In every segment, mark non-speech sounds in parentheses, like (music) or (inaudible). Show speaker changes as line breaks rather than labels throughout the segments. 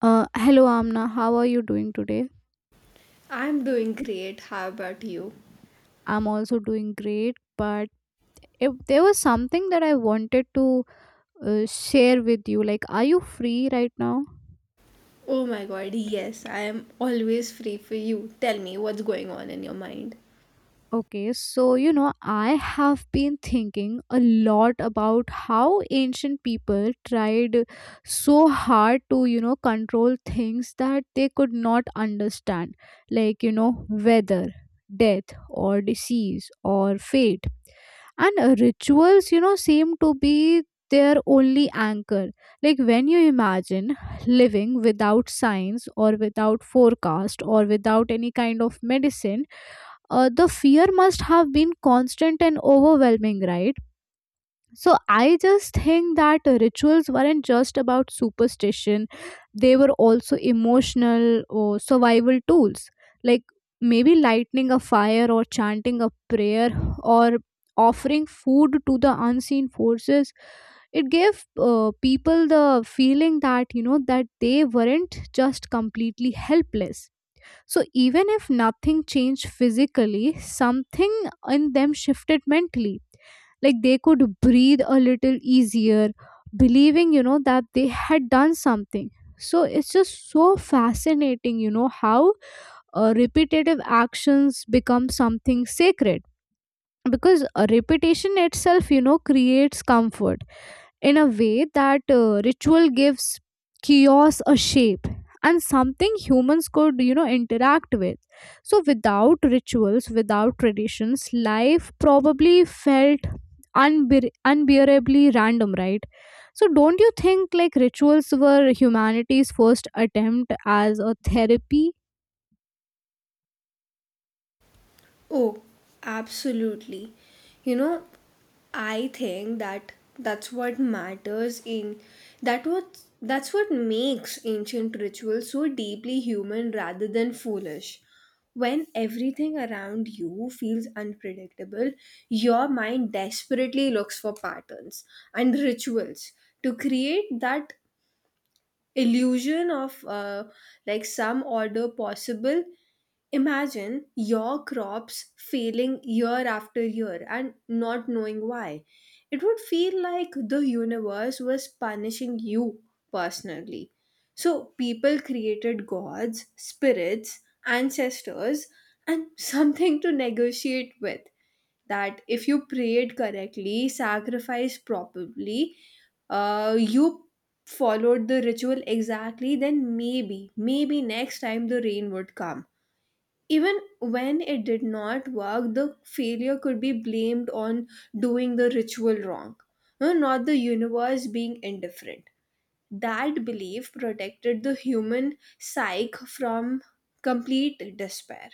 Hello Amna, how are you doing today?
I'm doing great. How about you?
I'm also doing great, but if there was something that I wanted to share with you, like, are you free right now?
Oh my god, yes, I am always free for you. Tell me what's going on in your mind.
Okay, so you know, I have been thinking a lot about how ancient people tried so hard to, you know, control things that they could not understand, like, you know, weather, death, or disease, or fate and rituals you know seem to be their only anchor. Like when you imagine living without science or without forecast or without any kind of medicine, the fear must have been constant and overwhelming, right? So I just think that rituals weren't just about superstition, they were also emotional or survival tools. Like maybe lighting a fire or chanting a prayer or offering food to the unseen forces, it gave people the feeling that you know that they weren't just completely helpless. So even if nothing changed physically, something in them shifted mentally. Like they could breathe a little easier, believing, you know, that they had done something. So it's just so fascinating, you know, how repetitive actions become something sacred, because a repetition itself, you know, creates comfort in a way that ritual gives chaos a shape and something humans could you know interact with. So without rituals, without traditions, life probably felt unbearably random, right? So don't you think like rituals were humanity's first attempt as a therapy?
Oh, absolutely. You know, I think that that's what matters in that what that's what makes ancient rituals so deeply human rather than foolish. When everything around you feels unpredictable, your mind desperately looks for patterns, and rituals to create that illusion of like some order possible. Imagine your crops failing year after year and not knowing why. It would feel like the universe was punishing you personally. So people created gods, spirits, ancestors, and (laughs) something to negotiate with, that if you prayed correctly, sacrifice properly, you followed the ritual exactly, then maybe, maybe next time the rain would come. Even when it did not work, the failure could be blamed on doing the ritual wrong, no, not the universe being indifferent. That belief protected the human psyche from complete despair.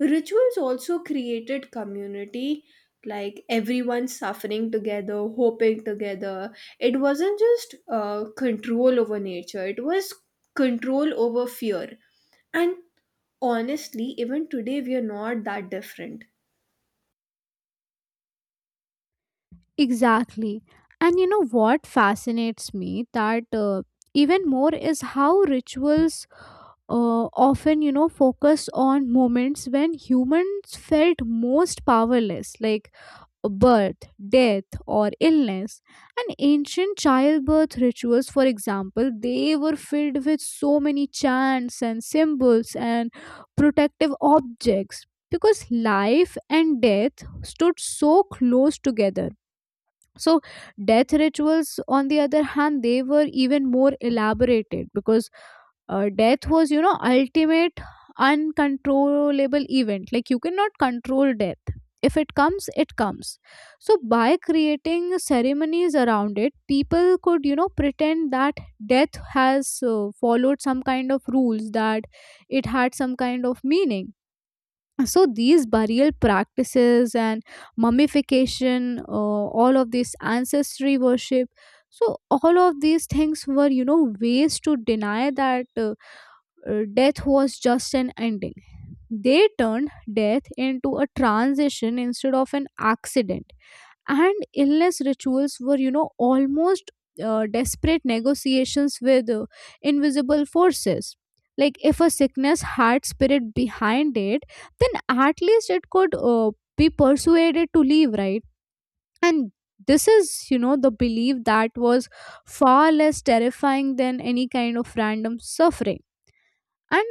Rituals also created community, like everyone suffering together, hoping together. It wasn't just control over nature, it was control over fear. And honestly, even today, we are not that different.
Exactly. And you know what fascinates me that even more is how rituals often you know focused on moments when humans felt most powerless, like birth, death, or illness. And ancient childbirth rituals, for example, they were filled with so many chants and symbols and protective objects, because life and death stood so close together. So death rituals on the other hand, they were even more elaborated because death was you know ultimate uncontrollable event. Like you cannot control death. If it comes, it comes. So by creating ceremonies around it, people could you know pretend that death has followed some kind of rules, that it had some kind of meaning. So these burial practices and mummification, all of this ancestry worship, so all of these things were you know ways to deny that death was just an ending. They turned death into a transition instead of an accident. And illness rituals were you know almost desperate negotiations with invisible forces. Like if a sickness had spirit behind it, then at least it could be persuaded to leave, right? And this is you know the belief that was far less terrifying than any kind of random suffering. And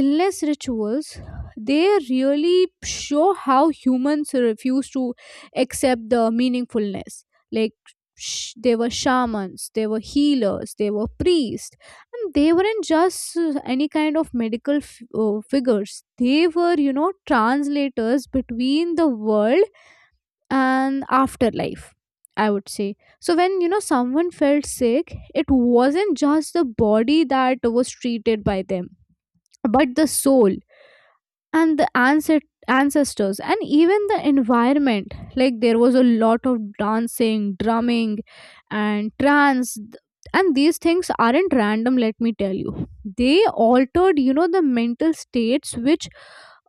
illness rituals, they really show how humans refuse to accept the meaningfulness. Like they were shamans, they were healers, they were priests. And they weren't just any kind of medical figures. They were you know translators between the world and afterlife, I would say. So when you know someone felt sick, it wasn't just the body that was treated by them, but the soul and the ancestors and even the environment. Like there was a lot of dancing, drumming, and trance. And these things aren't random, let me tell you. They altered you know the mental states, which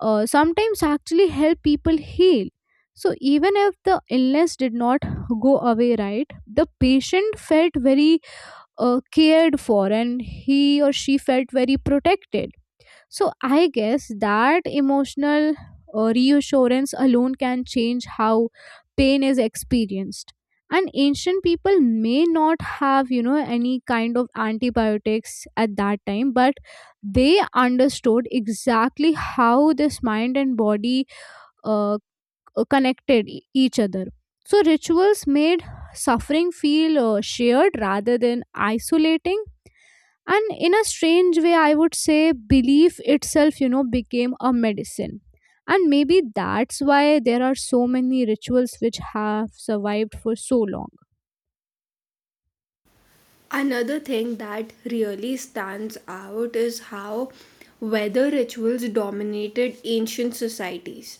sometimes actually help people heal. So even if the illness did not go away, right, the patient felt very cared for, and he or she felt very protected. So I guess that emotional reassurance alone can change how pain is experienced. And ancient people may not have, you know, any kind of antibiotics at that time, but they understood exactly how this mind and body uh, connected each other. So rituals made suffering feel shared rather than isolating. And in a strange way, I would say belief itself you know became a medicine. And maybe that's why there are so many rituals which have survived for so long.
Another thing that really stands out is how weather rituals dominated ancient societies,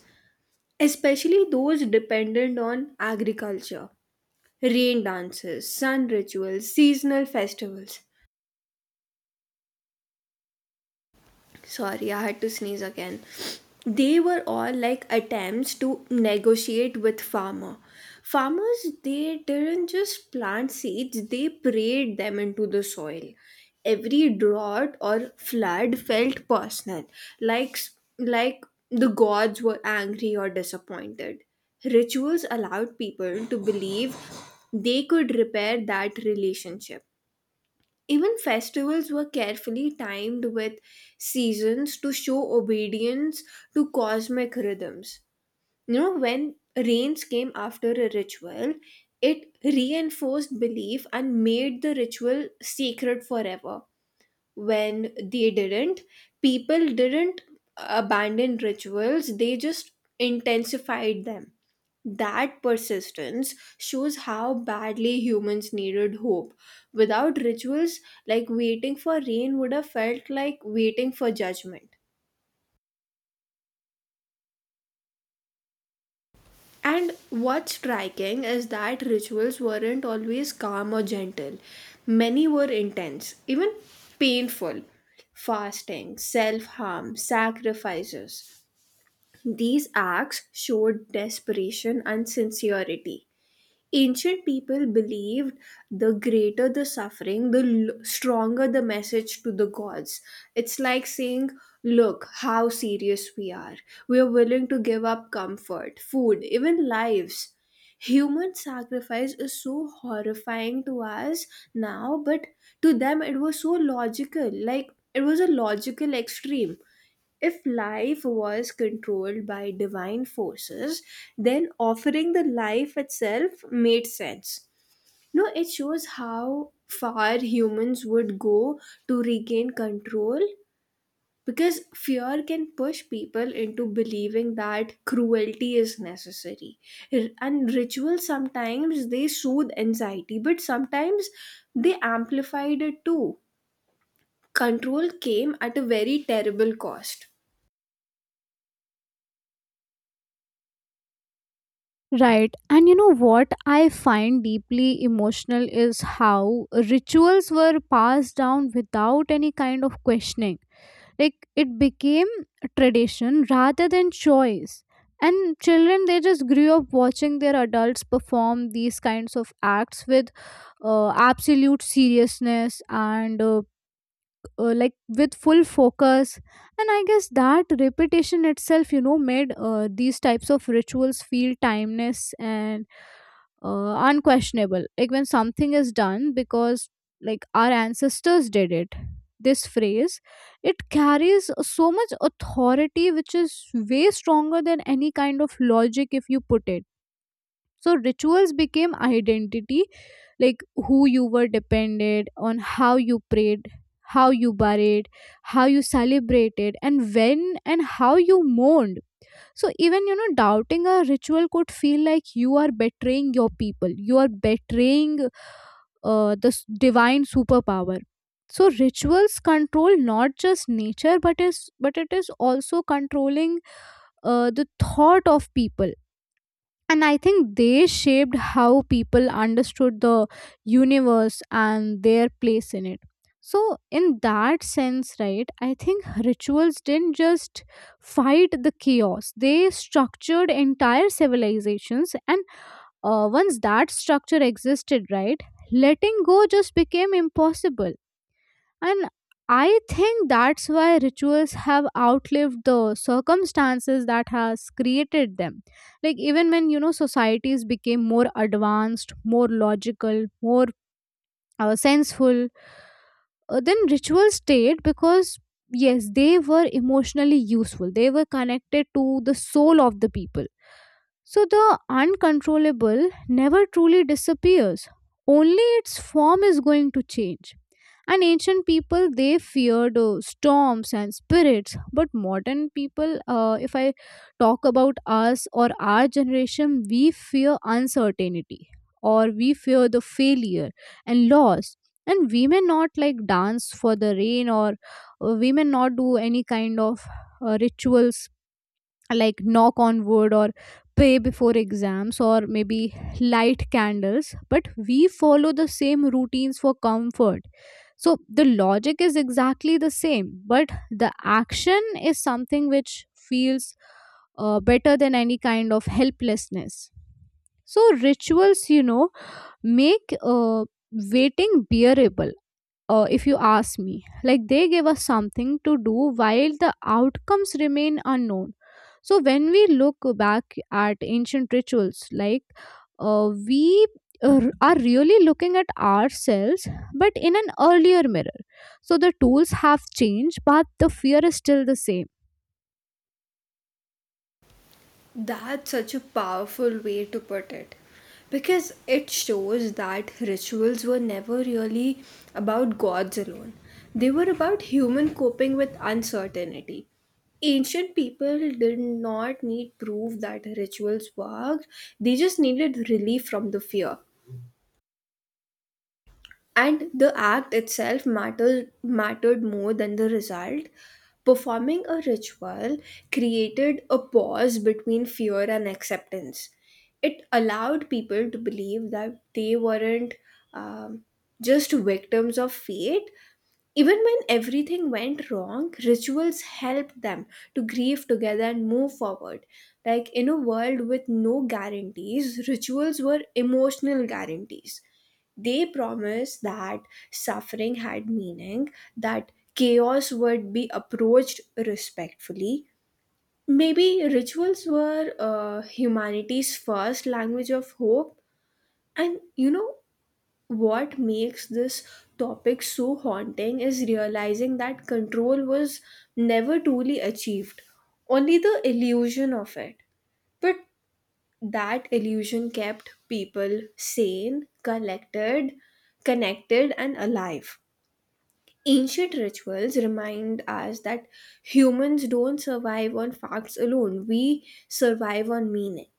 especially those dependent on agriculture. Rain dances, sun rituals, seasonal festivals. Sorry, I had to sneeze again. They were all like attempts to negotiate with farmer. Farmers, they didn't just plant seeds, they prayed them into the soil. Every drought or flood felt personal, like like the gods were angry or disappointed. Rituals allowed people to believe they could repair that relationship. Even festivals were carefully timed with seasons to show obedience to cosmic rhythms. You know, when rains came after a ritual, it reinforced belief and made the ritual sacred forever. When they didn't, people didn't abandon rituals, they just intensified them. That persistence shows how badly humans needed hope. Without rituals, like, waiting for rain would have felt like waiting for judgment. And what's striking is that rituals weren't always calm or gentle. Many were intense, even painful. Fasting, self harm, sacrifices. These acts showed desperation and sincerity. Ancient people believed the greater the suffering, the stronger the message to the gods. It's like saying, look how serious we are. We are willing to give up comfort, food, even lives. Human sacrifice is so horrifying to us now, but to them it was so logical. Like, it was a logical extreme. If life was controlled by divine forces, then offering the life itself made sense. No, it shows how far humans would go to regain control, because fear can push people into believing that cruelty is necessary. And rituals sometimes they soothe anxiety, but sometimes they amplified it too. Control came at a very terrible cost.
Right. And you know what I find deeply emotional is how rituals were passed down without any kind of questioning. Like it became a tradition rather than choice. And children, they just grew up watching their adults perform these kinds of acts with absolute seriousness and like with full focus. And I guess that repetition itself you know made these types of rituals feel timeless and unquestionable. Like when something is done because like our ancestors did it, this phrase, it carries so much authority, which is way stronger than any kind of logic if you put it. So rituals became identity. Like who you were depended on how you prayed, how you buried, how you celebrated and when and how you mourned. So even you know doubting a ritual could feel like you are betraying your people, you are betraying the s- divine superpower. So rituals control not just nature but is but it is also controlling the thought of people. And I think they shaped how people understood the universe and their place in it. So in that sense, right, I think rituals didn't just fight the chaos, they structured entire civilizations. And once that structure existed, right, letting go just became impossible. And I think that's why rituals have outlived the circumstances that has created them. Like even when you know societies became more advanced, more logical, more senseful, then rituals stayed because yes, they were emotionally useful, they were connected to the soul of the people. So the uncontrollable never truly disappears, only its form is going to change. And ancient people, they feared storms and spirits, but modern people, if I talk about us or our generation, we fear uncertainty, or we fear the failure and loss. And we may not like dance for the rain or we may not do any kind of rituals like knock on wood or pray before exams or maybe light candles, but we follow the same routines for comfort. So the logic is exactly the same, but the action is something which feels better than any kind of helplessness. So rituals you know make waiting bearable, if you ask me. Like they give us something to do while the outcomes remain unknown. So when we look back at ancient rituals, like we are really looking at ourselves, but in an earlier mirror. So the tools have changed, but the fear is still the same.
That's such a powerful way to put it, because it shows that rituals were never really about gods alone, they were about human coping with uncertainty. Ancient people did not need proof that rituals worked, they just needed relief from the fear, and the act itself mattered more than the result. Performing a ritual created a pause between fear and acceptance. It allowed people to believe that they weren't um, just victims of fate. Even when everything went wrong, rituals helped them to grieve together and move forward. Like, in a world with no guarantees, rituals were emotional guarantees. They promised that suffering had meaning, that chaos would be approached respectfully. Maybe rituals were humanity's first language of hope. And you know what makes this topic so haunting is realizing that control was never truly achieved, only the illusion of it. But that illusion kept people sane, collected, connected, and alive. Ancient rituals remind us that humans don't survive on facts alone, we survive on meaning.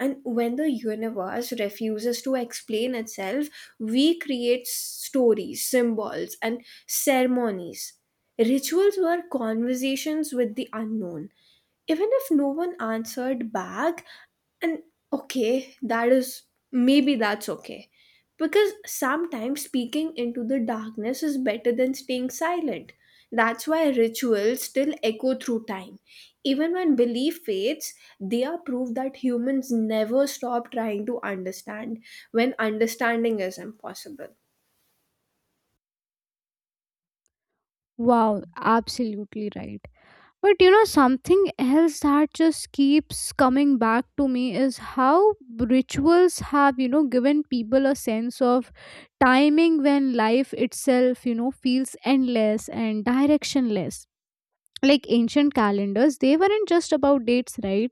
And when the universe refuses to explain itself, we create stories, symbols, and ceremonies. Rituals were conversations with the unknown, even if no one answered back. And okay that is maybe that's okay, because sometimes speaking into the darkness is better than staying silent. That's why rituals still echo through time, even when belief fades. They are proof that humans never stop trying to understand when understanding is impossible.
Wow, absolutely right. But you know, something else that just keeps coming back to me is how rituals have, you know, given people a sense of timing when life itself, you know, feels endless and directionless. Like ancient calendars, they weren't just about dates, right?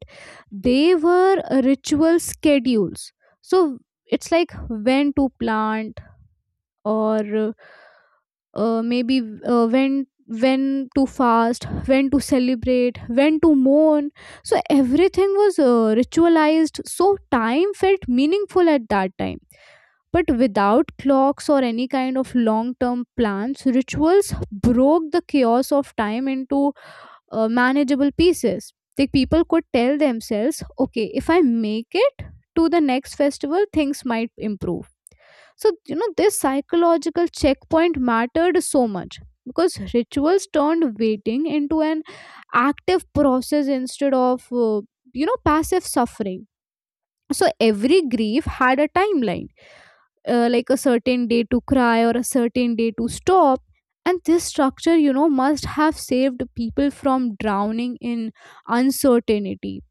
They were ritual schedules. So it's like when to plant, or maybe when to fast, when to celebrate, when to mourn. So everything was ritualized, so time felt meaningful at that time. But without clocks or any kind of long term plans, rituals broke the chaos of time into manageable pieces. Like people could tell themselves, okay, if I make it to the next festival, things might improve. So, you know, this psychological checkpoint mattered so much because rituals turned waiting into an active process instead of, you know, passive suffering. So, every grief had a timeline, like a certain day to cry or a certain day to stop. And this structure, you know, must have saved people from drowning in uncertainty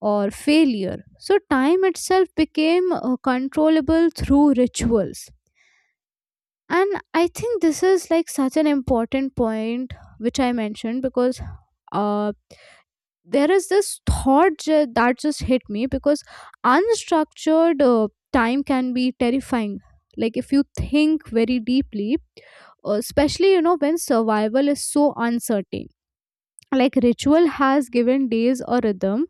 or failure. So, time itself became controllable through rituals. And I think this is like such an important point which I mentioned because uh, there is this thought that just hit me because unstructured time can be terrifying. Like if you think very deeply, especially you know when survival is so uncertain. Like ritual has given days a rhythm,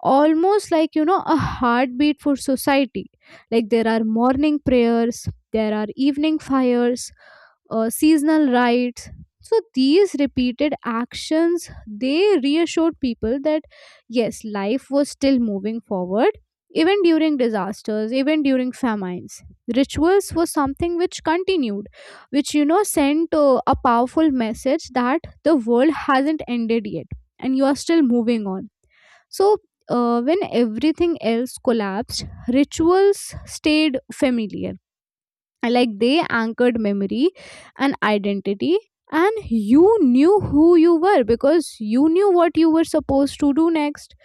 almost like you know a heartbeat for society. Like there are morning prayers, there are evening fires, seasonal rites. So these repeated actions, they reassured people that yes, life was still moving forward. Even during disasters, even during famines, rituals was something which continued, which you know sent a powerful message that the world hasn't ended yet and you are still moving on. So when everything else collapsed, rituals stayed familiar. Like they anchored memory and identity, and you knew who you were because you knew what you were supposed to do next.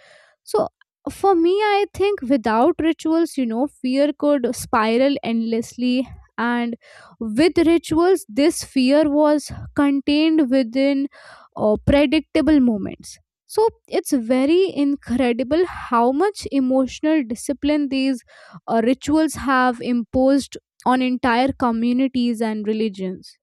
So for me, I think without rituals, you know, fear could spiral endlessly. And with rituals, this fear was contained within predictable moments. So it's very incredible how much emotional discipline these rituals have imposed on entire communities and religions.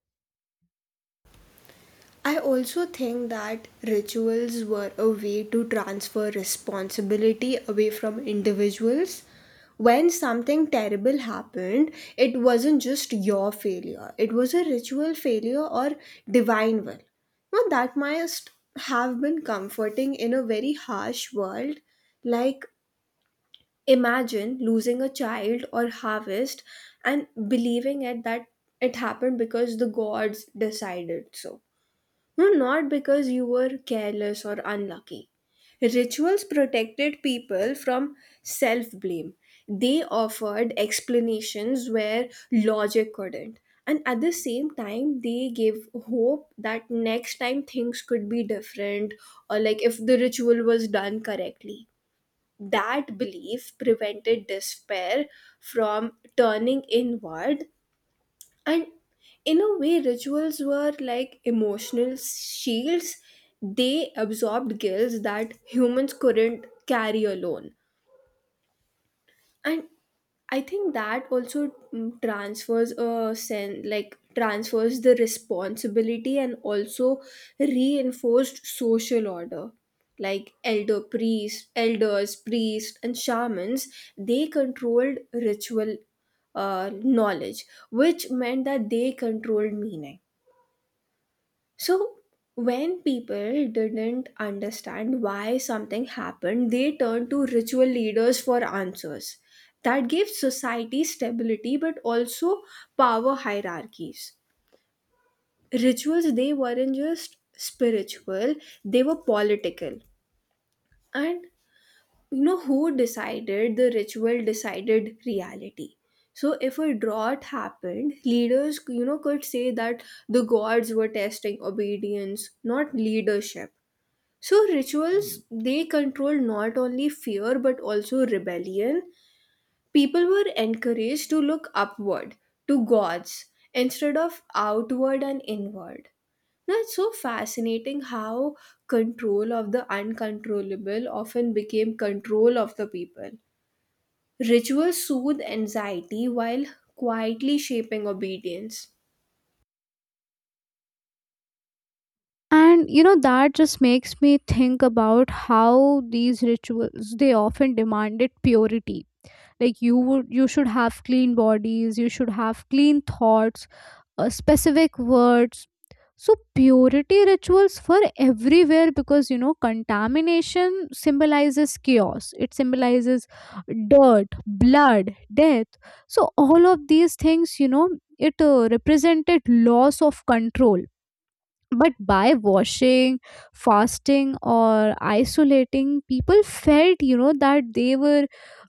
I also think that rituals were a way to transfer responsibility away from individuals. When something terrible happened, it wasn't just your failure, it was a ritual failure or divine will. Now, that must have been comforting in a very harsh world. Like, imagine losing a child or harvest and believing it, that it happened because the gods decided so. No, not because you were careless or unlucky. Rituals protected people from self blame. They offered explanations where logic couldn't. And at the same time, they gave hope that next time things could be different, or like if the ritual was done correctly. That belief prevented despair from turning inward. And in a way, rituals were like emotional shields, they absorbed guilt that humans couldn't carry alone. And I think that also transfers a sense like transfers the responsibility, and also reinforced social order, like elders, priests, and shamans, they controlled ritual knowledge, which meant that they controlled meaning. So, when people didn't understand why something happened, they turned to ritual leaders for answers. That gave society stability, but also power hierarchies. Rituals, they weren't just spiritual, they were political. And you know, who decided the ritual decided reality. So if a drought happened, leaders, you know, could say that the gods were testing obedience, not leadership. So rituals, they controlled not only fear but also rebellion. People were encouraged to look upward to gods instead of outward and inward. Now, it's so fascinating how control of the uncontrollable often became control of the people. Rituals soothe anxiety while quietly shaping obedience.
And you know that just makes me think about how these rituals they often demanded purity, like you should have clean bodies, you should have clean thoughts, specific words. So purity rituals were everywhere because you know contamination symbolizes chaos, it symbolizes dirt, blood, death. So all of these things, you know, it represented loss of control. But by washing, fasting or isolating, people felt, you know, that they were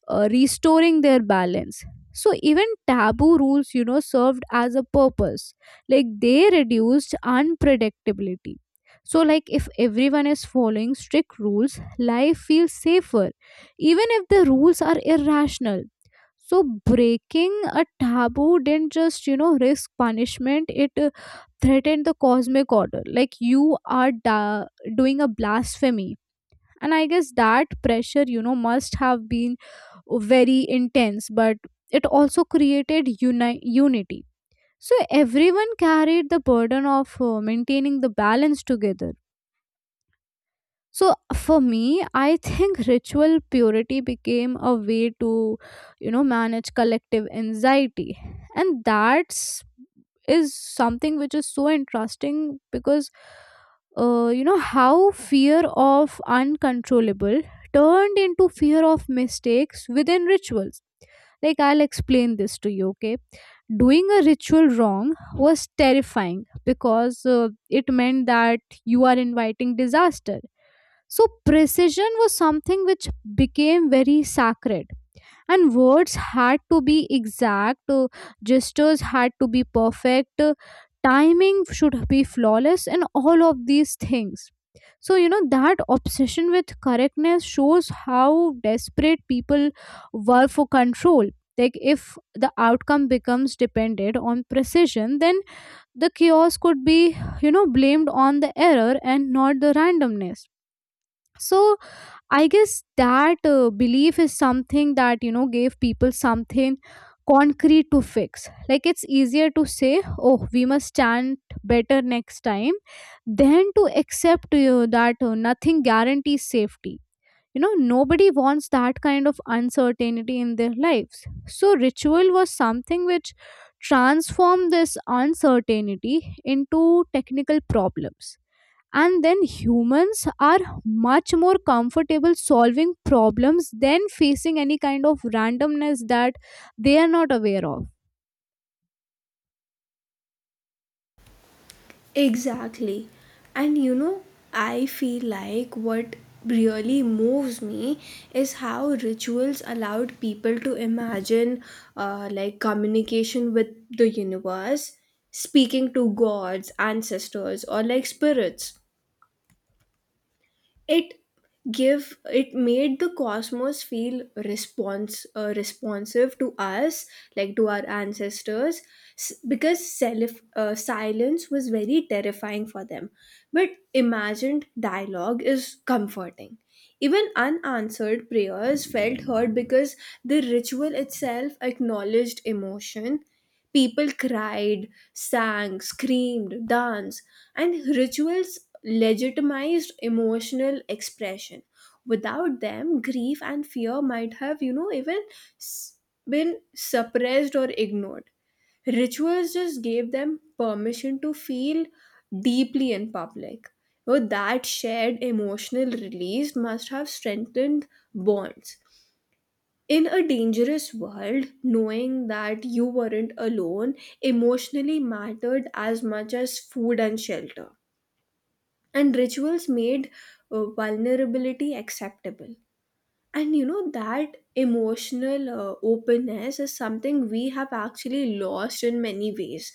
restoring their balance. So even taboo rules, you know, served as a purpose, like they reduced unpredictability. So like if everyone is following strict rules, life feels safer, even if the rules are irrational. So breaking a taboo didn't just, you know, risk punishment, it threaten the cosmic order, like you are doing a blasphemy. And I guess that pressure, you know, must have been very intense, but it also created unity. So everyone carried the burden of maintaining the balance together. So for me, I think ritual purity became a way to, manage collective anxiety. And that's is something which is so interesting because you know how fear of uncontrollable turned into fear of mistakes within rituals. Like I'll explain this to you, okay? Doing a ritual wrong was terrifying because it meant that you are inviting disaster. So precision was something which became very sacred, and words had to be exact, gestures had to be perfect, timing should be flawless, and all of these things. So, you know, that obsession with correctness shows how desperate people were for control. Like, if the outcome becomes dependent on precision, then the chaos could be, you know, blamed on the error and not the randomness. So I guess that belief is something that you know gave people something concrete to fix. Like it's easier to say, "Oh, we must stand better next time," than to accept that nothing guarantees safety. You know, nobody wants that kind of uncertainty in their lives. So ritual was something which transformed this uncertainty into technical problems, and then humans are much more comfortable solving problems than facing any kind of randomness that they are not aware of.
Exactly. And I feel like what really moves me is how rituals allowed people to imagine like communication with the universe, speaking to gods, ancestors, or like spirits. It give it made the cosmos feel response responsive to us, like to our ancestors. S Because self silence was very terrifying for them, but imagined dialogue is comforting. Even unanswered prayers felt heard, because the ritual itself acknowledged emotion. People cried, sang, screamed, danced, and rituals legitimized emotional expression. Without them, grief and fear might have, even s- been suppressed or ignored. Rituals just gave them permission to feel deeply in public. So that shared emotional release must have strengthened bonds. In a dangerous world, knowing that you weren't alone emotionally mattered as much as food and shelter. And rituals made vulnerability acceptable. And that emotional openness is something we have actually lost in many ways.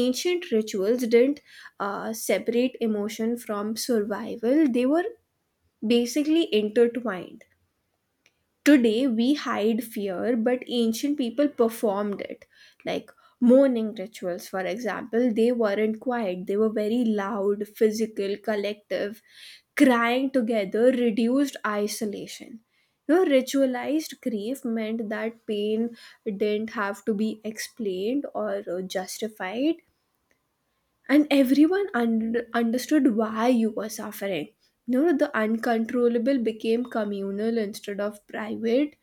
Ancient rituals didn't separate emotion from survival, they were basically intertwined. Today we hide fear, but ancient people performed it. Like mourning rituals, for example, they weren't quiet, they were very loud, physical, collective. Crying together reduced isolation. You know, ritualized grief meant that pain didn't have to be explained or justified, and everyone understood why you were suffering. You know, the uncontrollable became communal instead of private.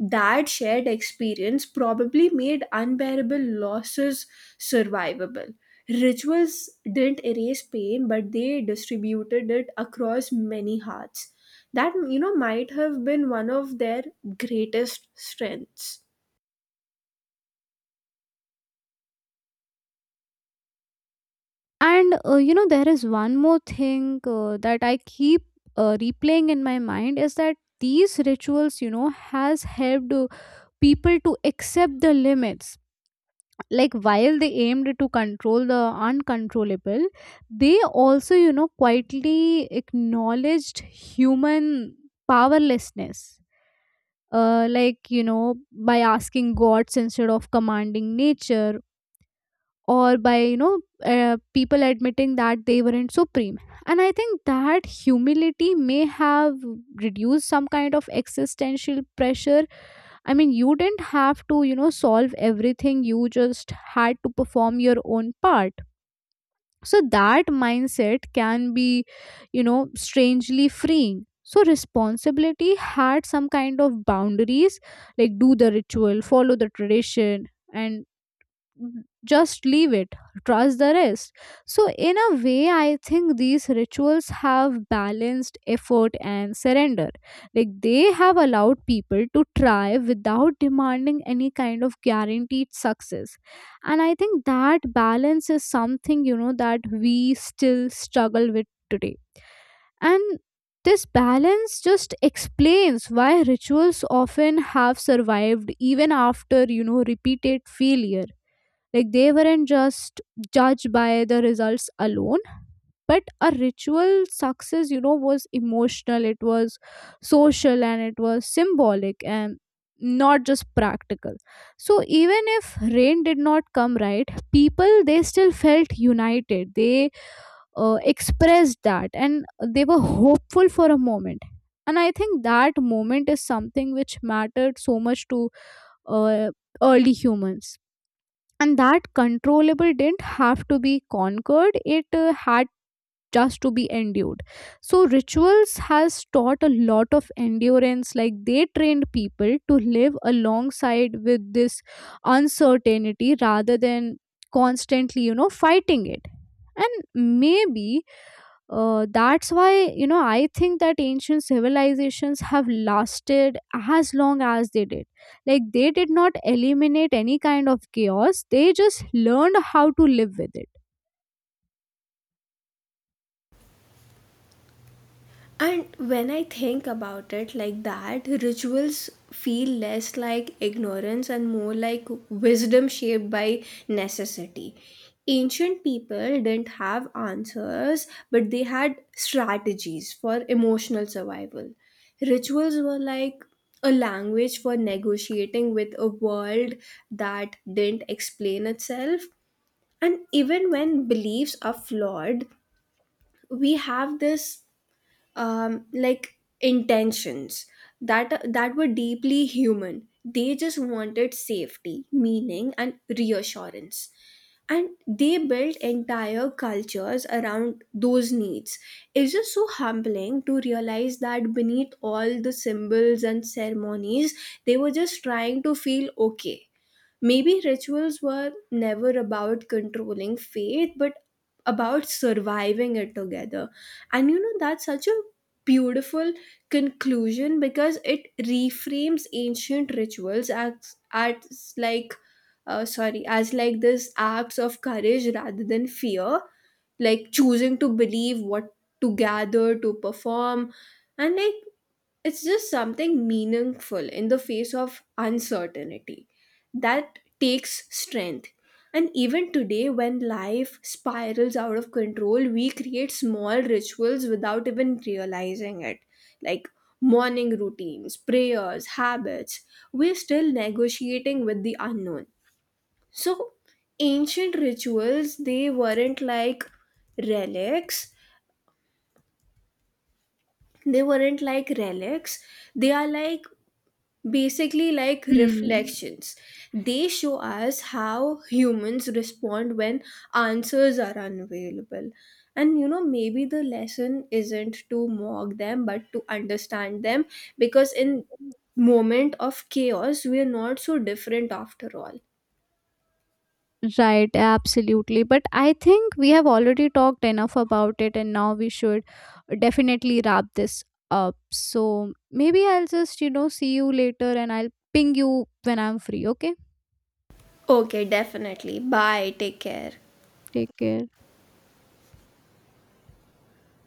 That shared experience probably made unbearable losses survivable. Rituals didn't erase pain, but they distributed it across many hearts. That, might have been one of their greatest strengths.
And you know there is one more thing that I keep replaying in my mind, is that these rituals, you know, has helped people to accept the limits. Like while they aimed to control the uncontrollable, they also, you know, quietly acknowledged human powerlessness, like you know by asking gods instead of commanding nature, or by you know people admitting that they weren't supreme. And I think that humility may have reduced some kind of existential pressure. I mean, you didn't have to, you know, solve everything, you just had to perform your own part. So that mindset can be, you know, strangely freeing. So responsibility had some kind of boundaries. Like, do the ritual, follow the tradition, and just leave it, trust the rest. So in a way, I think these rituals have balanced effort and surrender. Like they have allowed people to try without demanding any kind of guaranteed success. And I think that balance is something, you know, that we still struggle with today. And this balance just explains why rituals often have survived even after, you know, repeated failure. Like they weren't just judged by the results alone, but a ritual success, you know, was emotional, it was social, and it was symbolic and not just practical. So even if rain did not come right, people they still felt united. They expressed that, and they were hopeful for a moment. And I think that moment is something which mattered so much to uh, early humans. And that controllable didn't have to be conquered, it had just to be endured. So rituals has taught a lot of endurance, like they trained people to live alongside with this uncertainty rather than constantly, you know, fighting it. And maybe that's why, you know, I think that ancient civilizations have lasted as long as they did. Like they did not eliminate any kind of chaos, they just learned how to live with it.
And when I think about it like that, rituals feel less like ignorance and more like wisdom shaped by necessity. Ancient people didn't have answers, but they had strategies for emotional survival. Rituals were like a language for negotiating with a world that didn't explain itself. And even when beliefs are flawed, we have this like intentions that were deeply human. They just wanted safety, meaning, and reassurance, and they built entire cultures around those needs. It's just so humbling to realize that beneath all the symbols and ceremonies, they were just trying to feel okay. Maybe rituals were never about controlling fate, but about surviving it together. And you know, that's such a beautiful conclusion, because it reframes ancient rituals as, sorry, as like this acts of courage rather than fear, like choosing to believe what, to gather, to perform. And like, it's just something meaningful in the face of uncertainty. That takes strength. And even today, when life spirals out of control, we create small rituals without even realizing it, like morning routines, prayers, habits. We're still negotiating with the unknown. So ancient rituals, relics they weren't like relics, they are like basically like
Hmm.
reflections. They show us how humans respond when answers are unavailable. And you know, maybe the lesson isn't to mock them but to understand them, because in moment of chaos, we are not so different after all.
Right, absolutely. But I think we have already talked enough about it, and now we should definitely wrap this up. So maybe I'll just, you know, see you later, and I'll ping you when I'm free, okay?
Okay, definitely. Bye. Take care.
Take care.